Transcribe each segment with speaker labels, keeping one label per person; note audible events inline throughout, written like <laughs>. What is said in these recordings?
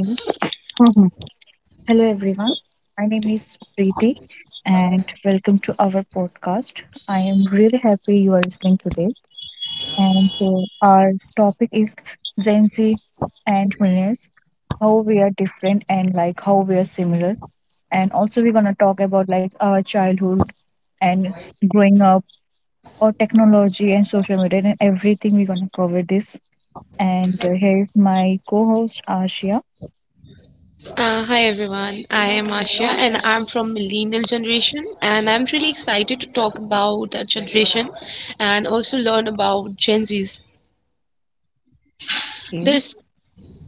Speaker 1: Mhm. Mhm. Hello, everyone. My name is Preeti, and welcome to our podcast. I am really happy you are listening today. And Our topic is Gen Z and millennials, how we are different and how we are similar. And also, we're gonna talk about like our childhood and growing up, or technology and social media and everything. We're gonna cover this. And Here is my co-host Ashia.
Speaker 2: Hi everyone, I am Asha and I'm from millennial generation and I'm really excited to talk about our generation and also learn about Gen Zs. This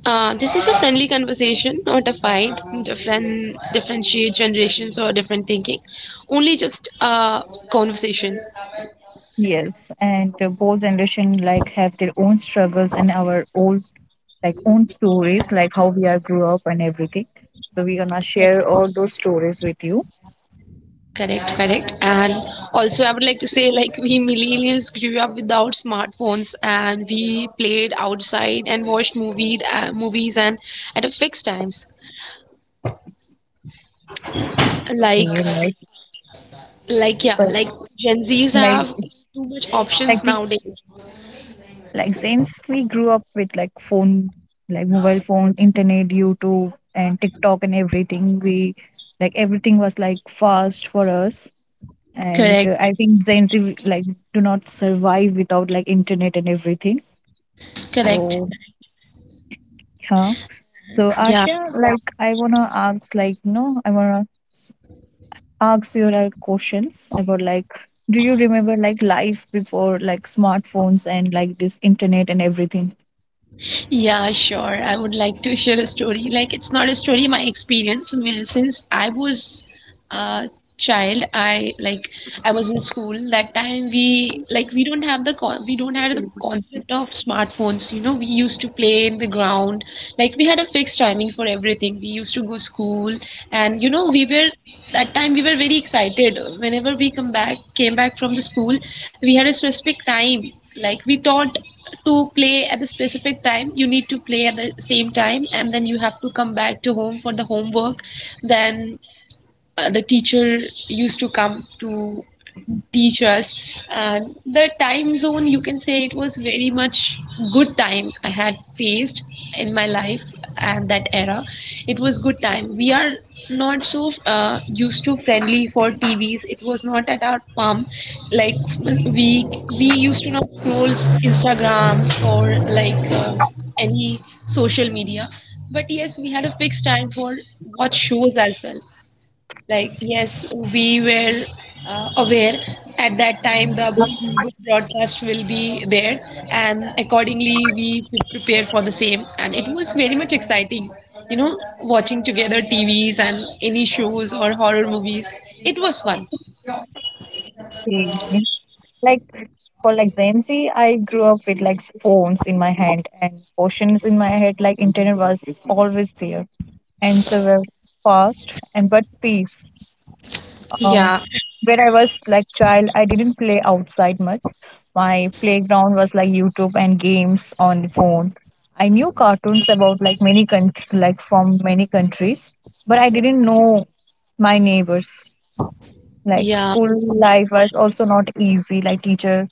Speaker 2: this is a friendly conversation, not a fight. Differentiate generations or different thinking, only just a conversation.
Speaker 1: Yes, and Both generation like have their own struggles and our old like own stories, like how we are grew up and everything. So we're gonna share all those stories with you.
Speaker 2: Correct, correct. And also, I would like to say, like, we millennials grew up without smartphones and we played outside and watched movies and at a fixed times. Like,
Speaker 1: Right.
Speaker 2: yeah,
Speaker 1: But
Speaker 2: like Gen Zs
Speaker 1: like
Speaker 2: have too much
Speaker 1: like
Speaker 2: options
Speaker 1: we
Speaker 2: nowadays.
Speaker 1: like since we grew up with like phone, like mobile phone, internet, YouTube, and TikTok and everything, we like everything was like fast for us. And
Speaker 2: Correct,
Speaker 1: I think Gen Z like do not survive without like internet and everything.
Speaker 2: correct.
Speaker 1: So, yeah. So,
Speaker 2: Yeah,
Speaker 1: Asha, like, I wanna ask, like, you know, I wanna ask you like questions about like, do you remember like life before like smartphones and like this internet and everything?
Speaker 2: yeah, sure. I would like to share a story. Like, it's not a story, my experience. I Since I was uh, child, I was in school. That time, we don't have the concept of smartphones, you know. We used to play in the ground, like we had a fixed timing for everything. We used to go school, and you know, we were that time we were very excited whenever we come back came back from the school. We had a specific time, like we thought to play at the specific time. You need to play at the same time, and then you have to come back to home for the homework. Then the teacher used to come to teach us, and the time zone, you can say, it was very much good time I had faced in my life. And that era, it was good time. We are not so used to friendly for tvs, it was not at our palm. Like, we used to not scroll instagrams or like any social media. But yes, we had a fixed time for watch shows as well. Like, yes, we were aware at that time the broadcast will be there, and accordingly, we prepare for the same. And it was very much exciting, you know, watching together TVs and any shows or horror movies. It was fun.
Speaker 1: Mhm. Like, for like Gen Z, I grew up with like phones in my hand and questions in my head. Like, internet was always there. Answer were fast and but peace. Uh,
Speaker 2: Yeah,
Speaker 1: when I was like child, I didn't play outside much. My playground was like YouTube and games on the phone. I knew cartoons about like many countries, like from many countries, but I didn't know my neighbors. Like
Speaker 2: yeah,
Speaker 1: school life was also not easy. Like teacher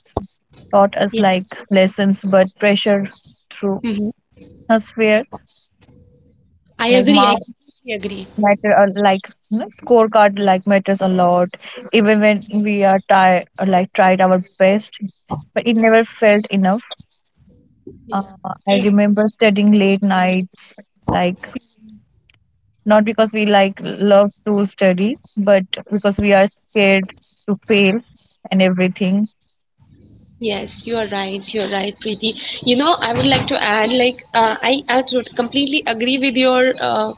Speaker 1: taught us
Speaker 2: yeah.
Speaker 1: like lessons, but pressure through
Speaker 2: Hmm.
Speaker 1: atmosphere,
Speaker 2: I
Speaker 1: like
Speaker 2: agree. I
Speaker 1: marks
Speaker 2: completely agree.
Speaker 1: matter a like you know, scorecard like matters a lot even when we are tired or like tried our best but it never felt enough
Speaker 2: Yeah.
Speaker 1: uh, I
Speaker 2: Mm.
Speaker 1: remember studying late nights like not because we like love to study but because we are scared to fail and everything.
Speaker 2: Yes, you are right. You are right, Preeti. You know, I would like to add, like, I would completely agree with your uh,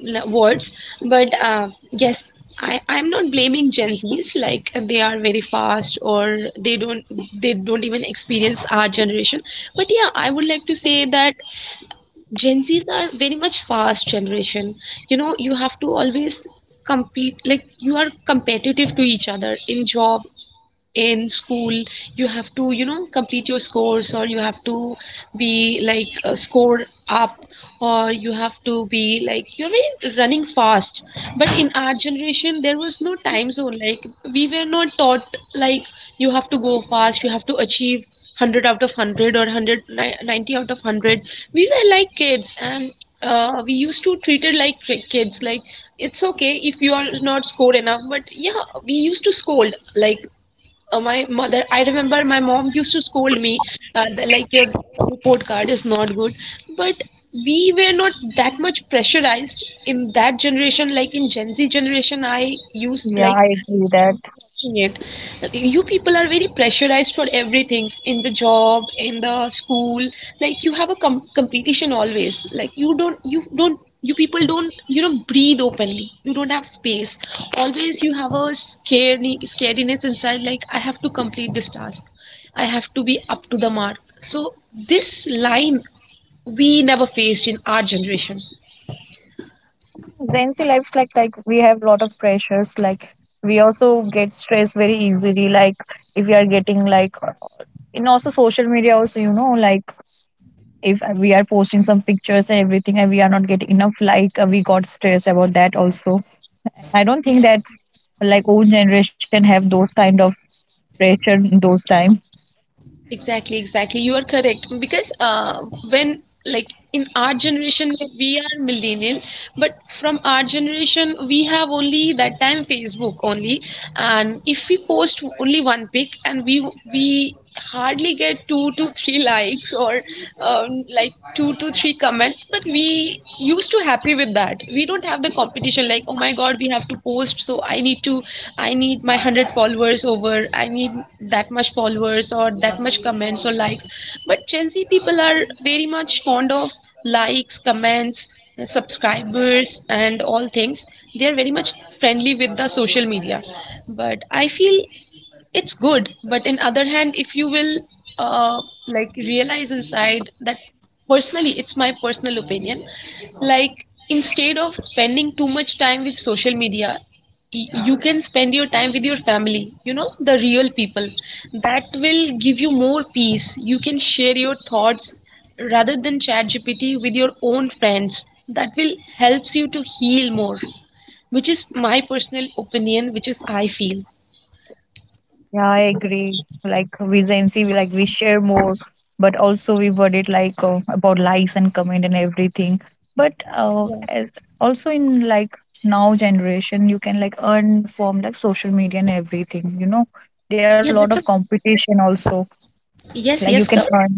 Speaker 2: n- words. But yes, I'm not blaming gen z's, like they are very fast, or they don't they don't even experience our generation. But yeah, I would like to say that gen z's are very much fast generation. You know, you have to always compete, like you are competitive to each other in job, in school. You have to, you know, complete your scores, or you have to be like score up, or you have to be like you're very running fast. But in our generation, there was no time zone. Like, we were not taught like you have to go fast, you have to achieve 100 out of 100, or 190 out of 100. We were like kids, and we used to treat it like kids. Like, it's okay if you are not scored enough. But yeah, we used to scold, like my mother, I remember my mom used to scold me, that, like your report card is not good. But we were not that much pressurized in that generation. Like in Gen Z generation, I used
Speaker 1: Yeah,
Speaker 2: like
Speaker 1: I agree that
Speaker 2: watching it. You people are very pressurized for everything in the job, in the school. Like you have a competition always. Like you people don't, you know, breathe openly. You don't have space. Always you have a scariness inside. Like, I have to complete this task. I have to be up to the mark. So this line we never faced in our generation.
Speaker 1: Gen Z lives like we have lot of pressures like we also get stressed very easily like if we are getting like in also social media also you know like if we are posting some pictures and everything and we are not getting enough we got stressed about that also. I don't think that like old generation have those kind of pressure in those time.
Speaker 2: Exactly, exactly. You are correct because when, like, in our generation we are millennial, but from our generation we have only that time Facebook only. And if we post only one pic and we hardly get two to three likes or like two to three comments, but we used to have happy with that. We don't have the competition like, oh my god, we have to post. So I need my 100 followers over, I need that much followers or that much comments or likes. But gen z people are very much fond of likes, comments, subscribers, and all things. They are very much friendly with the social media. But I feel it's good, but in other hand, if you will uh, like realize inside that, personally, it's my personal opinion, like instead of spending too much time with social media, you can spend your time with your family, you know, the real people. That will give you more peace. You can share your thoughts rather than chat gpt with your own friends. That will helps you to heal more, which is my personal opinion, which is I feel.
Speaker 1: Yeah, I agree like with the nc we like we share more but also we worried about likes and comment and everything. But As also in like now generation you can like earn from like social media and everything you know there are a lot
Speaker 2: Yeah,
Speaker 1: of
Speaker 2: that's a
Speaker 1: competition also
Speaker 2: yes,
Speaker 1: like you
Speaker 2: yes.
Speaker 1: can earn.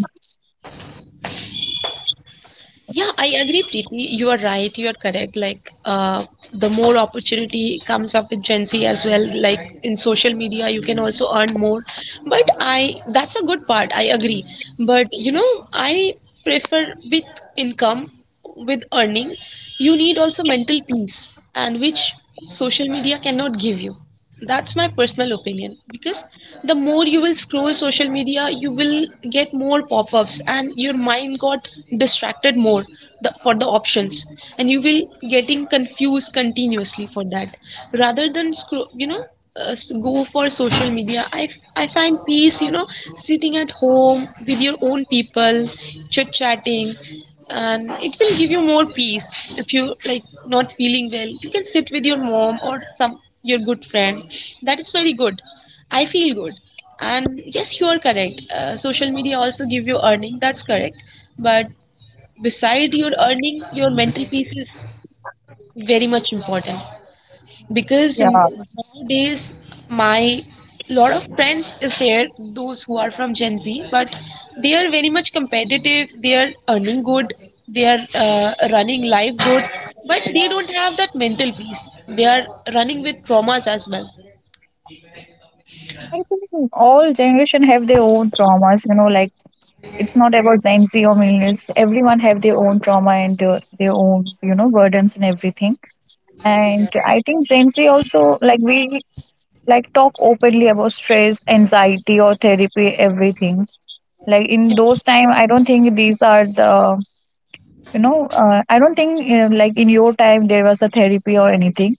Speaker 2: Yeah, I agree, Preeti. You are right. You are correct. Like, the more opportunity comes up with Gen Z as well, like in social media, you can also earn more. But that's a good part. I agree. But you know, I prefer, with income, with earning, you need also mental peace, and which social media cannot give you. That's my personal opinion, because the more you will scroll social media, you will get more pop ups, and your mind got distracted more, for the options, and you will getting confused continuously for that. Rather than scroll, you know, go for social media, I find peace, you know, sitting at home with your own people, chit chatting. And it will give you more peace. If you like not feeling well, you can sit with your mom or some your good friend. That is very good, I feel good. And yes, you are correct, social media also give you earning, that's correct. But beside your earning, your mental peace is very much important. Because
Speaker 1: Yeah,
Speaker 2: nowadays, my lot of friends is there, those who are from gen z, but they are very much competitive, they are earning good, they are running life good, but they don't have that mental peace. They are running with traumas as well.
Speaker 1: I think so. All generation have their own traumas, you know, like it's not about Gen Z or millennials. Everyone have their own trauma and their own, you know, burdens and everything. And I think Gen Z also like we like talk openly about stress, anxiety or therapy, everything. Like in those time, I don't think these are the, you know, I don't think you like in your time there was a therapy or anything.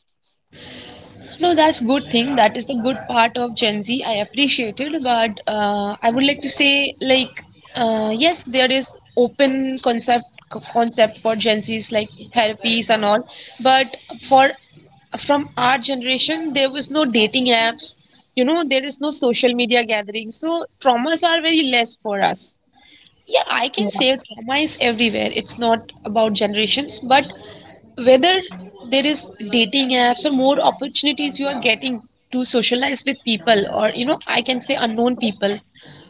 Speaker 2: No, that's good thing. That is the good part of Gen Z. I appreciate it. But I would like to say, like yes, there is open concept for Gen Zs, like therapies and all. But for from our generation, there was no dating apps. You know, there is no social media gathering, so traumas are very less for us. Yeah, I can
Speaker 1: Yeah,
Speaker 2: say trauma is everywhere. It's not about generations. But whether there is dating apps or more opportunities you are getting to socialize with people, or you know, I can say unknown people,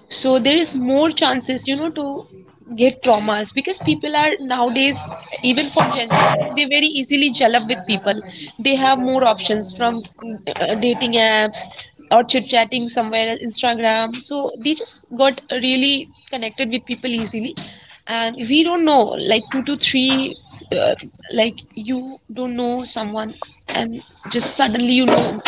Speaker 2: so there is more chances, you know, to get traumas, because people are nowadays, even for gen Zs, they very easily gel up with people. They have more options from dating apps, or chit chatting somewhere instagram. So they just got really connected with people easily, and we don't know, like two to three uh, like, you don't know someone, and just suddenly, you know,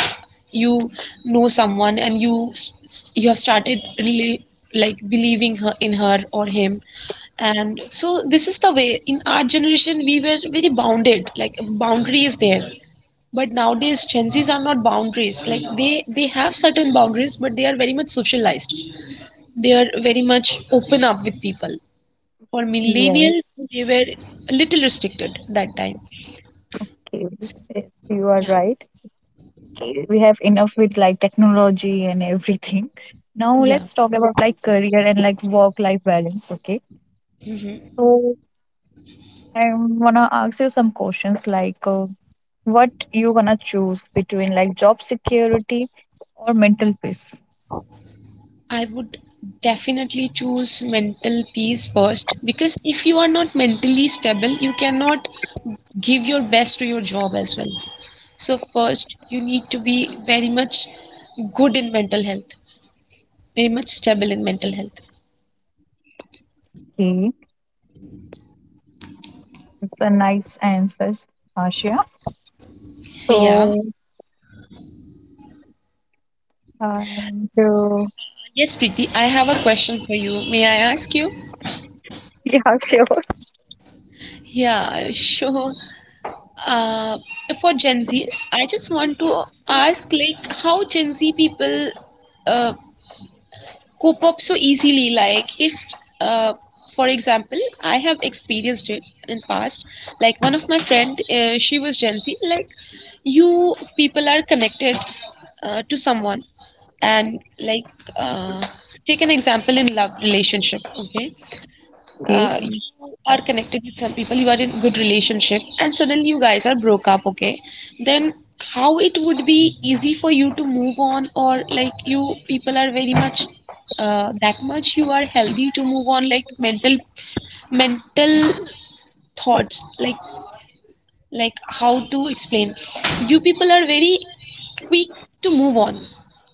Speaker 2: you know someone, and you have started really like believing her, in her or him. And so this is the way. In our generation, we were very bounded, like boundary is there. But nowadays, gen z's are not boundaries. Like they have certain boundaries, but they are very much socialized. They are very much open up with people. For
Speaker 1: yeah,
Speaker 2: millennials, they were a little restricted that time.
Speaker 1: okay.
Speaker 2: So,
Speaker 1: Yes, you are
Speaker 2: yeah,
Speaker 1: right. We have enough with like technology and everything. <laughs> Now
Speaker 2: yeah.
Speaker 1: let's talk about like career and like work life balance. Okay,
Speaker 2: Hmm.
Speaker 1: so I wanna ask you some questions like what you wanna choose between like job security or mental peace.
Speaker 2: I would definitely choose mental peace first, because if you are not mentally stable, you cannot give your best to your job as well. So first, you need to be very much good in mental health, very much stable in mental health.
Speaker 1: Okay, it's a nice answer, Ashia.
Speaker 2: Yeah.
Speaker 1: So and
Speaker 2: Yes, Preeti, I have a question for you. May I ask you?
Speaker 1: <laughs> Yeah, sure.
Speaker 2: Yeah, sure. Uh, for Gen Zs, I just want to ask, like, how Gen Z people uh, cope up so easily. Like, if uh, for example, I have experienced it in past, like one of my friend, she was gen z. Like, you people are connected to someone, and like uh, take an example in love relationship, okay?
Speaker 1: Okay.
Speaker 2: You are connected with some people, you are in good relationship, and suddenly you guys are broke up, okay? Then how it would be easy for you to move on, or like you people are very much that much you are healthy to move on, like mental thoughts, like how to explain. You people are very quick to move on.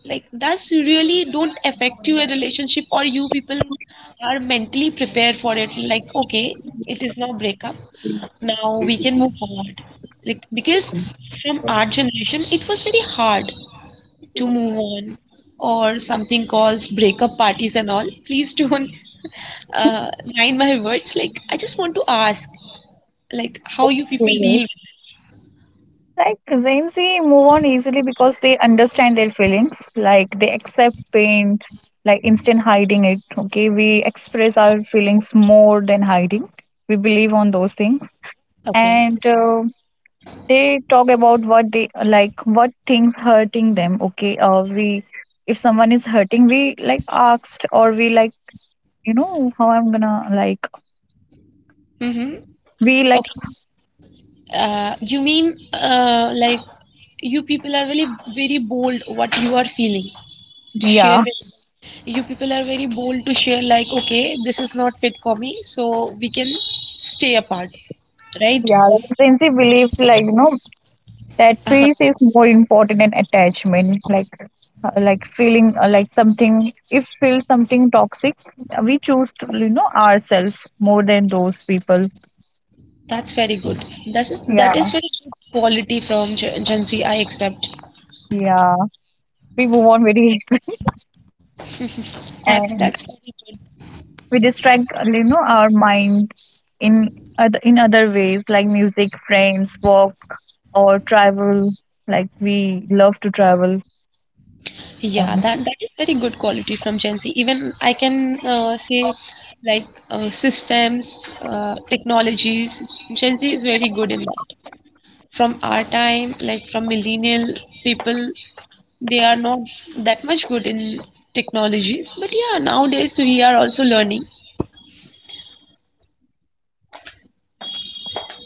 Speaker 2: Like does really don't affect you a relationship, or you people are mentally prepared for it like, okay, it is now breakup, now we can move forward. Like because from our generation it was very hard to move on, or something calls breakup parties and all. Please don't uh, mind my words, like I just want to ask like how you people
Speaker 1: Okay.
Speaker 2: deal with it.
Speaker 1: Like Gen Z move on easily because they understand their feelings. Like they accept pain, like instant hiding it. Okay, we express our feelings more than hiding. We believe on those things,
Speaker 2: Okay.
Speaker 1: and they talk about what they like, what things hurting them. Okay, we if someone is hurting, we like asked or we like you know how I'm gonna like
Speaker 2: Mm-hmm.
Speaker 1: we like
Speaker 2: Okay. You mean, like you people are really very bold what you are feeling to
Speaker 1: yeah,
Speaker 2: share with. You people are very bold to share like, okay, this is not fit for me, so we can stay apart, right?
Speaker 1: yeah, like Gen Z believe like no that peace is
Speaker 2: Uh-huh.
Speaker 1: more important than attachment like like feeling like something if feel something toxic, we choose to you know ourselves more than those people.
Speaker 2: That's very good. That is,
Speaker 1: Yeah,
Speaker 2: that is very good quality from Gen Z, I accept.
Speaker 1: yeah, we move on very easily. <laughs>
Speaker 2: That's
Speaker 1: And
Speaker 2: very good.
Speaker 1: we distract you know our mind in other ways like music friends walk or travel. Like we love to travel.
Speaker 2: Yeah,
Speaker 1: And
Speaker 2: that, that is very good quality from Gen Z. Even I can say, like systems, technologies. Gen Z is very good in that. From our time, like from millennial people, they are not that much good in technologies. But yeah, nowadays we are also learning.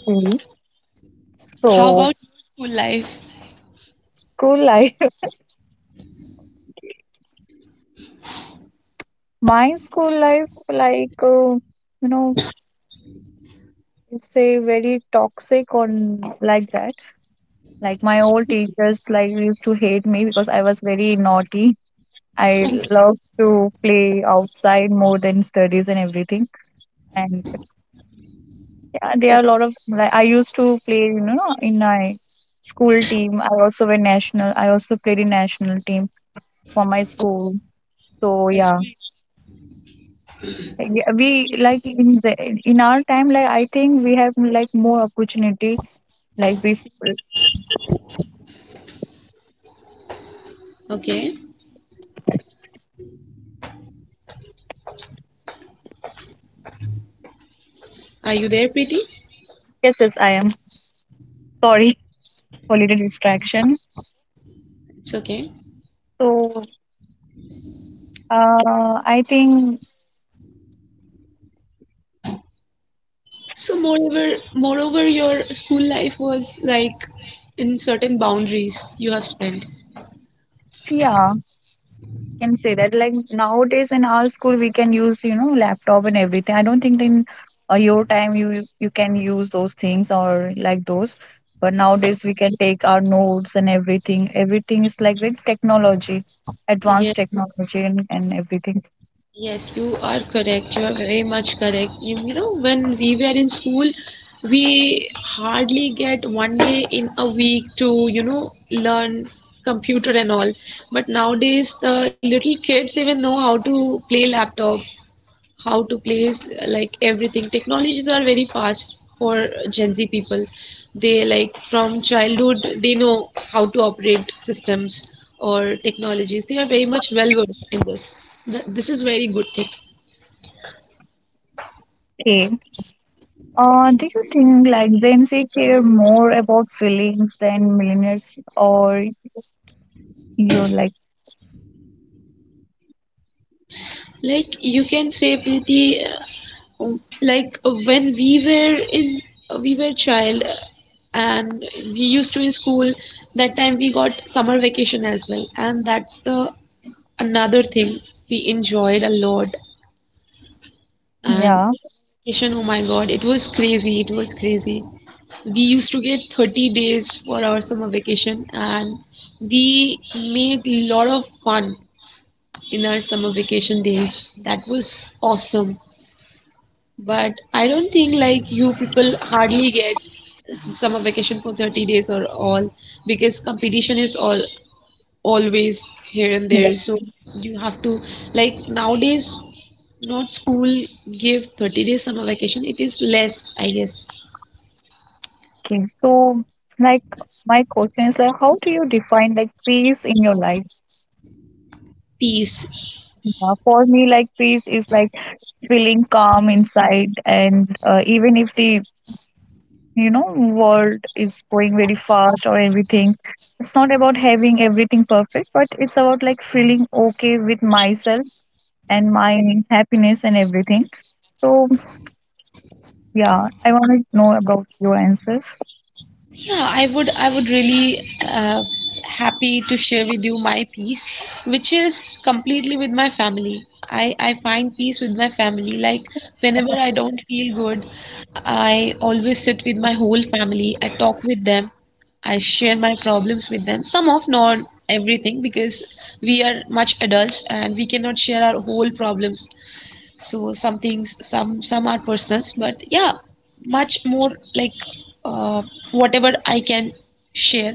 Speaker 1: school.
Speaker 2: How about your school life?
Speaker 1: School life. <laughs> My school life like you know say very toxic on like that. Like my old teachers like used to hate me because I was very naughty. I love to play outside more than studies and everything. And yeah, there are
Speaker 2: Okay.
Speaker 1: a lot of like I used to play you know in my school team. I also went national. I also played in national team for my school, so
Speaker 2: That's
Speaker 1: yeah.
Speaker 2: great.
Speaker 1: Yeah, we like in the in our time like I think we have like more opportunity like we.
Speaker 2: Okay, are you there, Preeti?
Speaker 1: Yes, yes, I am. Sorry, holiday distraction.
Speaker 2: It's okay.
Speaker 1: So I think
Speaker 2: So moreover, your school life was like in certain boundaries you have spent.
Speaker 1: yeah, can say that like nowadays in our school we can use you know laptop and everything. I don't think in your time you can use those things or like those. But nowadays we can take our notes and everything. Everything is like with technology, advanced
Speaker 2: Yes,
Speaker 1: technology and everything.
Speaker 2: yes, you are correct. You are very much correct. You know, when we were in school, we hardly get one day in a week to, you know, learn computer and all. But nowadays, the little kids even know how to play laptop, how to place, like, everything. Technologies are very fast for Gen Z people. They like, from childhood they know how to operate systems or technologies. They are very much well versed in this. Th- this is very good thing.
Speaker 1: Okay. Do you think like Gen Z care more about feelings than millennials or you're like.
Speaker 2: Like you can say, Preeti, like when we were in, we were child, and we used to in school, that time we got summer vacation as well, and that's the another thing we enjoyed a lot. And
Speaker 1: Yeah.
Speaker 2: vacation, oh my God, it was crazy. It was crazy. We used to get 30 days for our summer vacation, and we made a lot of fun in our summer vacation days. That was awesome. But I don't think like you people hardly get summer vacation for 30 days or all, because competition is all always here and there, so you have to, like, nowadays not school give 30 days summer vacation, it is less, I guess.
Speaker 1: Okay, so like my question is like, how do you define like peace in your life?
Speaker 2: Peace.
Speaker 1: For me, like peace is like feeling calm inside, and even if the you know world is going very fast or everything, it's not about having everything perfect, but it's about like feeling okay with myself and my happiness and everything. So yeah, I want to know about your answers.
Speaker 2: Yeah, I would, I would really happy to share with you my peace, which is completely with my family. I find peace with my family. Like whenever I don't feel good, I always sit with my whole family. I talk with them. I share my problems with them. Some of not everything, because we are much adults and we cannot share our whole problems, so some things, some are personals. But yeah, much more like, uh, whatever I can share,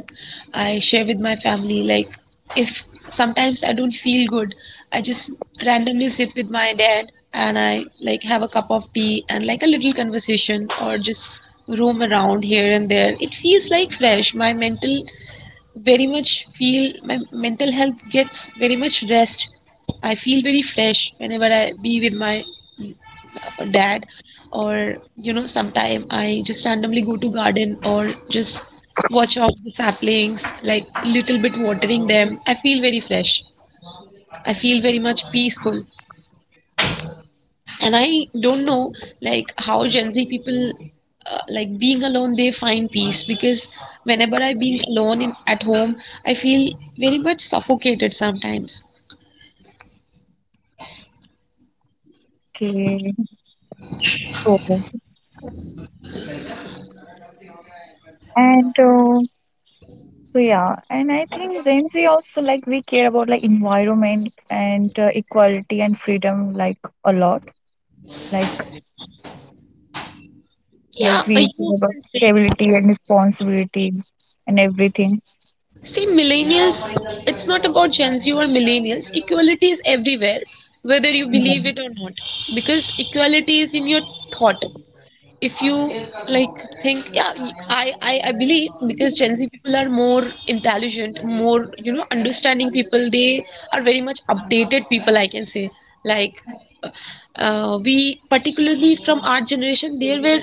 Speaker 2: I share with my family. Like if sometimes I don't feel good, I just randomly sit with my dad and I, like, have a cup of tea and like a little conversation, or just roam around here and there. It feels like fresh my mental, very much feel my mental health gets very much rest. I feel very fresh whenever I be with my dad, or you know, sometime I just randomly go to garden or just watch out the saplings, like little bit watering them. I feel very fresh. I feel very much peaceful. And I don't know like how Gen Z people like being alone they find peace, because whenever I being alone in at home, I feel very much suffocated sometimes.
Speaker 1: Okay, so and. So yeah, and I think Gen Z also like we care about like environment and equality and freedom like a lot. Like
Speaker 2: Yeah,
Speaker 1: like we
Speaker 2: you
Speaker 1: care about
Speaker 2: can
Speaker 1: stability
Speaker 2: say,
Speaker 1: and responsibility and everything.
Speaker 2: see millennials, it's not about Gen Z or millennials, equality is everywhere whether you
Speaker 1: Yeah,
Speaker 2: believe it or not. Because equality is in your thought. If you like think, yeah, I believe because Gen Z people are more intelligent, more, you know, understanding people. They are very much updated people, I can say. Like we particularly, from our generation there were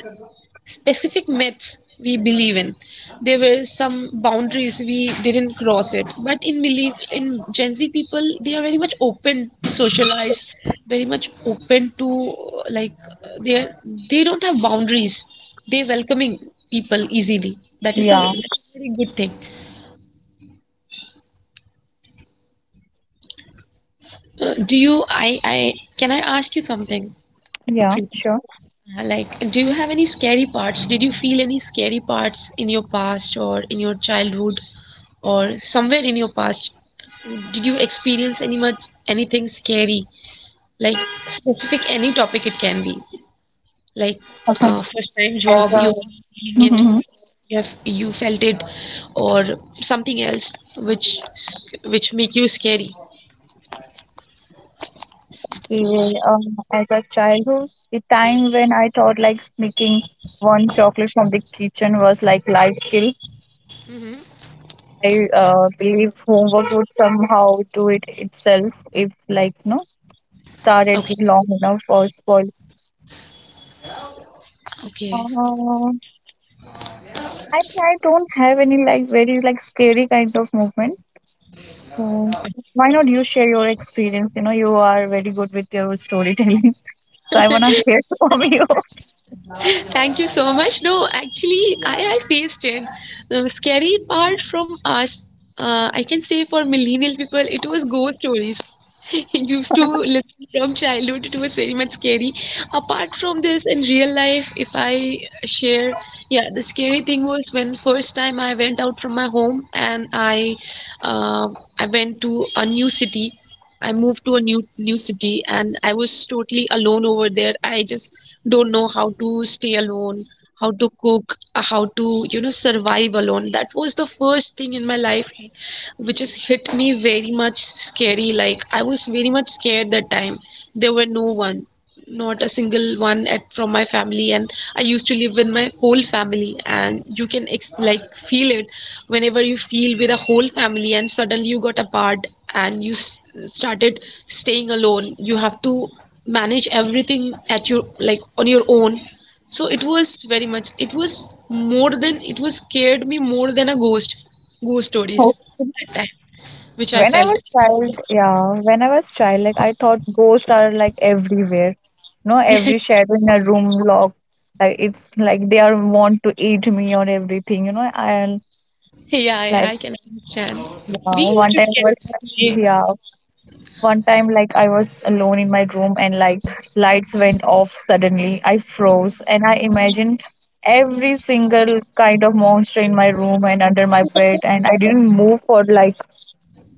Speaker 2: specific myths we believe in. There were some boundaries we didn't cross it. But in believe in Gen Z people, they are very much open to socialize, very much open to like they are, they don't have boundaries. They welcoming people easily. That is the,
Speaker 1: yeah,
Speaker 2: that's a very good thing. Do you? I can I ask you something,
Speaker 1: yeah,
Speaker 2: Preeti?
Speaker 1: sure.
Speaker 2: Like, do you have any scary parts? Did you feel any scary parts in your past or in your childhood, or somewhere in your past? Did you experience any much anything scary, like specific any topic? It can be like
Speaker 1: Okay.
Speaker 2: first time
Speaker 1: As
Speaker 2: job,
Speaker 1: a
Speaker 2: you feeling it,
Speaker 1: mhm.
Speaker 2: you have you felt it, or something else which which make you scary?
Speaker 1: Okay, <laughs> as a childhood, the time when I thought like sneaking one chocolate from the kitchen was like life skill.
Speaker 2: Hmm.
Speaker 1: I believe homework would somehow do it itself if like no started
Speaker 2: Okay.
Speaker 1: long enough or spoiled.
Speaker 2: Okay.
Speaker 1: Uh, I I don't have any like very like scary kind of movement. So why not you share your experience? You know, you are very good with your storytelling. <laughs> So I wanna hear <laughs> from you.
Speaker 2: Thank you so much. No, actually, I faced it. Scary part from us, I can say for millennial people, it was ghost stories. <laughs> Used to listen from childhood, it was very much scary. Apart from this, in real life, if I share, yeah, the scary thing was when first time I went out from my home, and uh, I went to a new city. I moved to a new city and I was totally alone over there. I just don't know how to stay alone, how to cook, how to, you know, survive alone. That was the first thing in my life which has hit me very much scary. Like I was very much scared that time. There were no one, not a single one at from my family, and I used to live with my whole family. And you can like feel it whenever you feel with a whole family, and suddenly you got apart and started staying alone. You have to manage everything at your, like on your own. So it was very much, it was more than, it was scared me more than a ghost stories
Speaker 1: Oh.
Speaker 2: at that time, which I
Speaker 1: When I
Speaker 2: felt.
Speaker 1: was
Speaker 2: <laughs>
Speaker 1: child, yeah, when I was child, like I thought ghosts are like everywhere. You know, every shadow in a room lock, like it's like they are want to eat me or everything. You know, I
Speaker 2: Yeah, yeah,
Speaker 1: like
Speaker 2: I can understand.
Speaker 1: yeah,
Speaker 2: We used
Speaker 1: one
Speaker 2: to
Speaker 1: time I was
Speaker 2: scare that way.
Speaker 1: yeah. One time, like I was alone in my room and like lights went off suddenly. I froze and I imagined every single kind of monster in my room and under my bed,
Speaker 2: <laughs>
Speaker 1: and I didn't move for like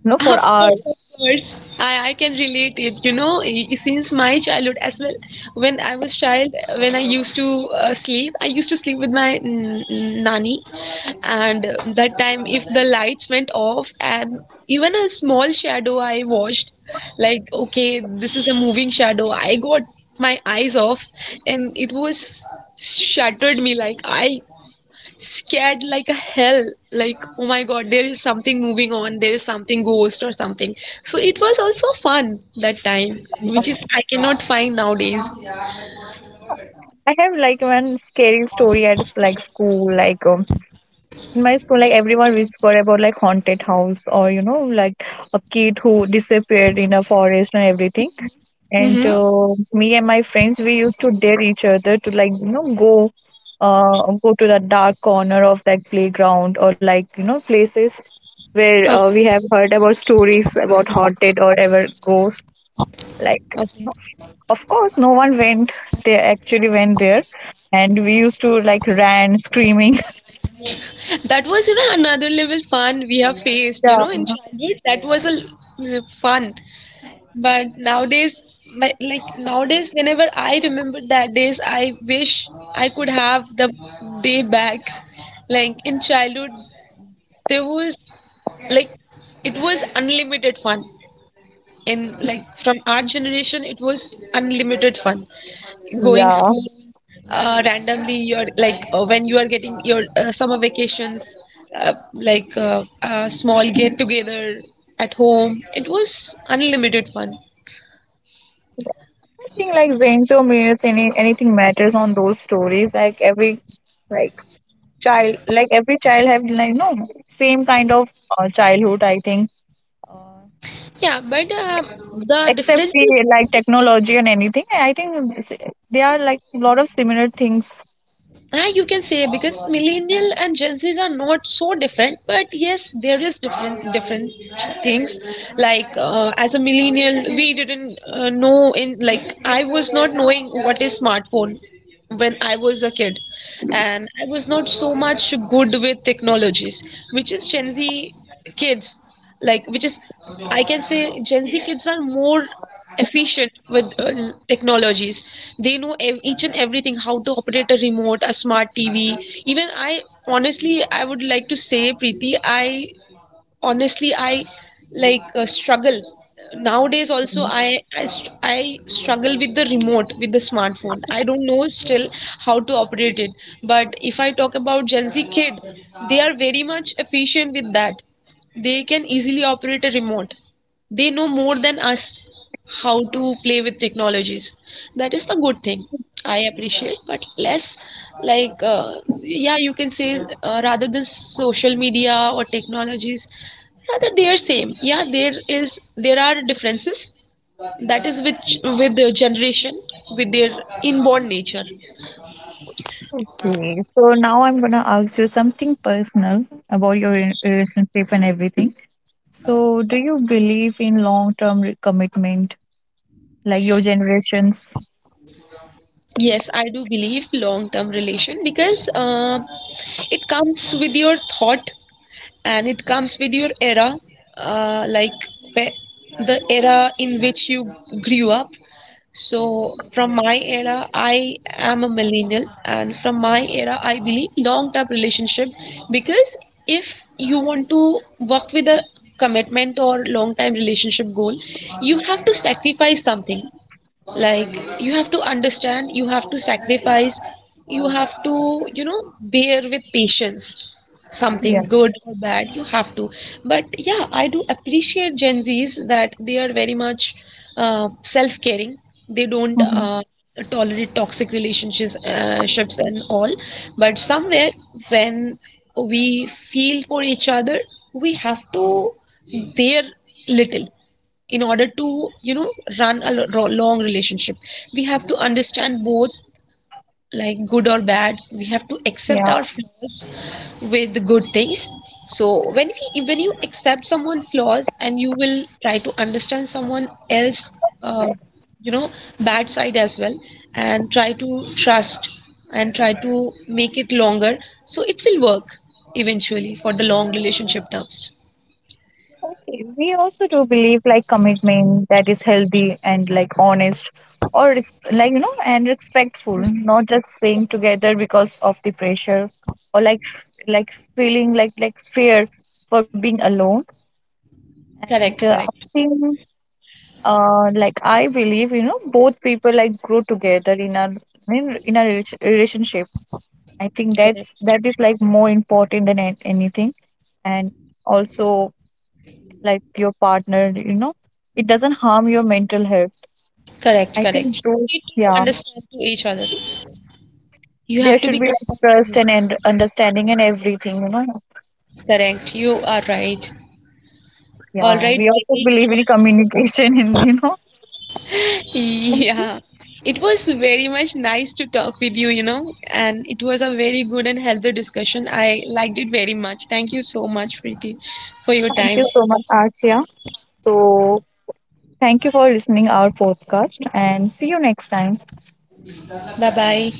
Speaker 1: you know for
Speaker 2: Of course,
Speaker 1: hours.
Speaker 2: of course. I can relate it. You know, since my childhood as well, when I was child, when I used to sleep, I used to sleep with my nanny, and that time if the lights went off, and even a small shadow I watched, like okay, this is a moving shadow. I got my eyes off, and it was shattered me. Like I scared like a hell. Like oh my god, there is something moving on, there is something ghost or something. So it was also fun that time, which is I cannot find nowadays.
Speaker 1: I have like one scary story at like school, like in my school, like everyone whisper about like haunted house or you know like a kid who disappeared in a forest and everything. And
Speaker 2: Mm-hmm.
Speaker 1: uh, me and my friends, we used to dare each other to like, you know, go, go to the dark corner of that playground or like, you know, places where we
Speaker 2: Okay.
Speaker 1: have heard about stories about haunted or ever ghost. Like,
Speaker 2: Okay.
Speaker 1: of course, no one went. They actually went there, and we used to like ran screaming. <laughs>
Speaker 2: That was, you know, another level fun we have faced, you know, in
Speaker 1: Yeah.
Speaker 2: childhood. That was a fun. But nowadays, my, like nowadays whenever I remember that days, I wish I could have the day back. Like in childhood there was, like, it was unlimited fun. And like from our generation, it was unlimited fun. Going
Speaker 1: Yeah.
Speaker 2: school,
Speaker 1: I
Speaker 2: randomly you're like, when you are getting your summer vacations, like a small get together at home, it was unlimited fun.
Speaker 1: think like Zainjo means any anything matters on those stories. Like every like child like every child have like no same kind of childhood I think uh,
Speaker 2: Yeah, but the
Speaker 1: except
Speaker 2: difference.
Speaker 1: the like technology and anything I think they are like a lot of similar things.
Speaker 2: Ah, you can say, because millennial and Gen Zs are not so different, but yes, there is different things. Like as a millennial, we didn't know in, like I was not knowing what is smartphone when I was a kid, and I was not so much good with technologies, which is Gen Z kids, like which is, I can say Gen Z kids are more efficient with technologies. They know each and everything, how to operate a remote, a smart TV. Even I, honestly, I would like to say, Preeti, I honestly I, like struggle nowadays also. I struggle with the remote, with the smartphone. I don't know still how to operate it. But if I talk about Gen Z kid, they are very much efficient with that. They can easily operate a remote. They know more than us how to play with technologies. That is the good thing I appreciate. But less, like yeah, you can say, rather than social media or technologies, rather they are same. Yeah, there is, there are differences. That is which with the generation, with their inborn nature.
Speaker 1: Okay, so now I'm gonna ask you something personal about your relationship and everything. So do you believe in long-term commitment like your generations?
Speaker 2: Yes, I do believe long term relation, because it comes with your thought, and it comes with your era. Uh, like the era in which you grew up. So from my era, I am a millennial, and from my era I believe long term relationship. Because if you want to work with a commitment or long time relationship goal, you have to sacrifice something. Like you have to understand, you have to sacrifice, you have to, you know, bear with patience,
Speaker 1: Yeah.
Speaker 2: something good or bad you have to. But yeah, I do appreciate Gen Z's that they are very much self-caring. They don't
Speaker 1: Mhm.
Speaker 2: tolerate toxic relationships, ships and all. But somewhere, when we feel for each other, we have to bear little in order to, you know, run a long relationship. We have to understand both, like good or bad, we have to accept
Speaker 1: Yeah.
Speaker 2: our flaws with the good things. So when we, when you accept someone's flaws and you will try to understand someone else, uh, you know, bad side as well, and try to trust and try to make it longer, so it will work eventually for the long relationship terms.
Speaker 1: Okay, we also do believe like commitment that is healthy and like honest or like you know and respectful, not just staying together because of the pressure or like like feeling like fear for being alone. And
Speaker 2: Correct,
Speaker 1: uh, I
Speaker 2: correct.
Speaker 1: think like I believe you know both people like grow together in a in a relationship. I think that's
Speaker 2: Correct.
Speaker 1: that is like more important than anything. And also like your partner, you know, it doesn't harm your mental health.
Speaker 2: Correct,
Speaker 1: I think
Speaker 2: correct. You
Speaker 1: those,
Speaker 2: need to
Speaker 1: yeah,
Speaker 2: understand to each other. You
Speaker 1: there
Speaker 2: have to
Speaker 1: should
Speaker 2: be
Speaker 1: be like trust
Speaker 2: compatible.
Speaker 1: and understanding and everything, you know.
Speaker 2: Correct. You are right. All
Speaker 1: Yeah,
Speaker 2: right,
Speaker 1: we also
Speaker 2: Preeti. It
Speaker 1: believe in
Speaker 2: was
Speaker 1: communication, <laughs> and you know.
Speaker 2: <laughs>
Speaker 1: And
Speaker 2: yeah. It was very much nice to talk with you, you know, and it was a very good and healthy discussion. I liked it very much. Thank you so much, Preeti, for your
Speaker 1: thank
Speaker 2: time.
Speaker 1: you so much, Archia. So, thank you for listening our podcast, and see you next time.
Speaker 2: Bye bye.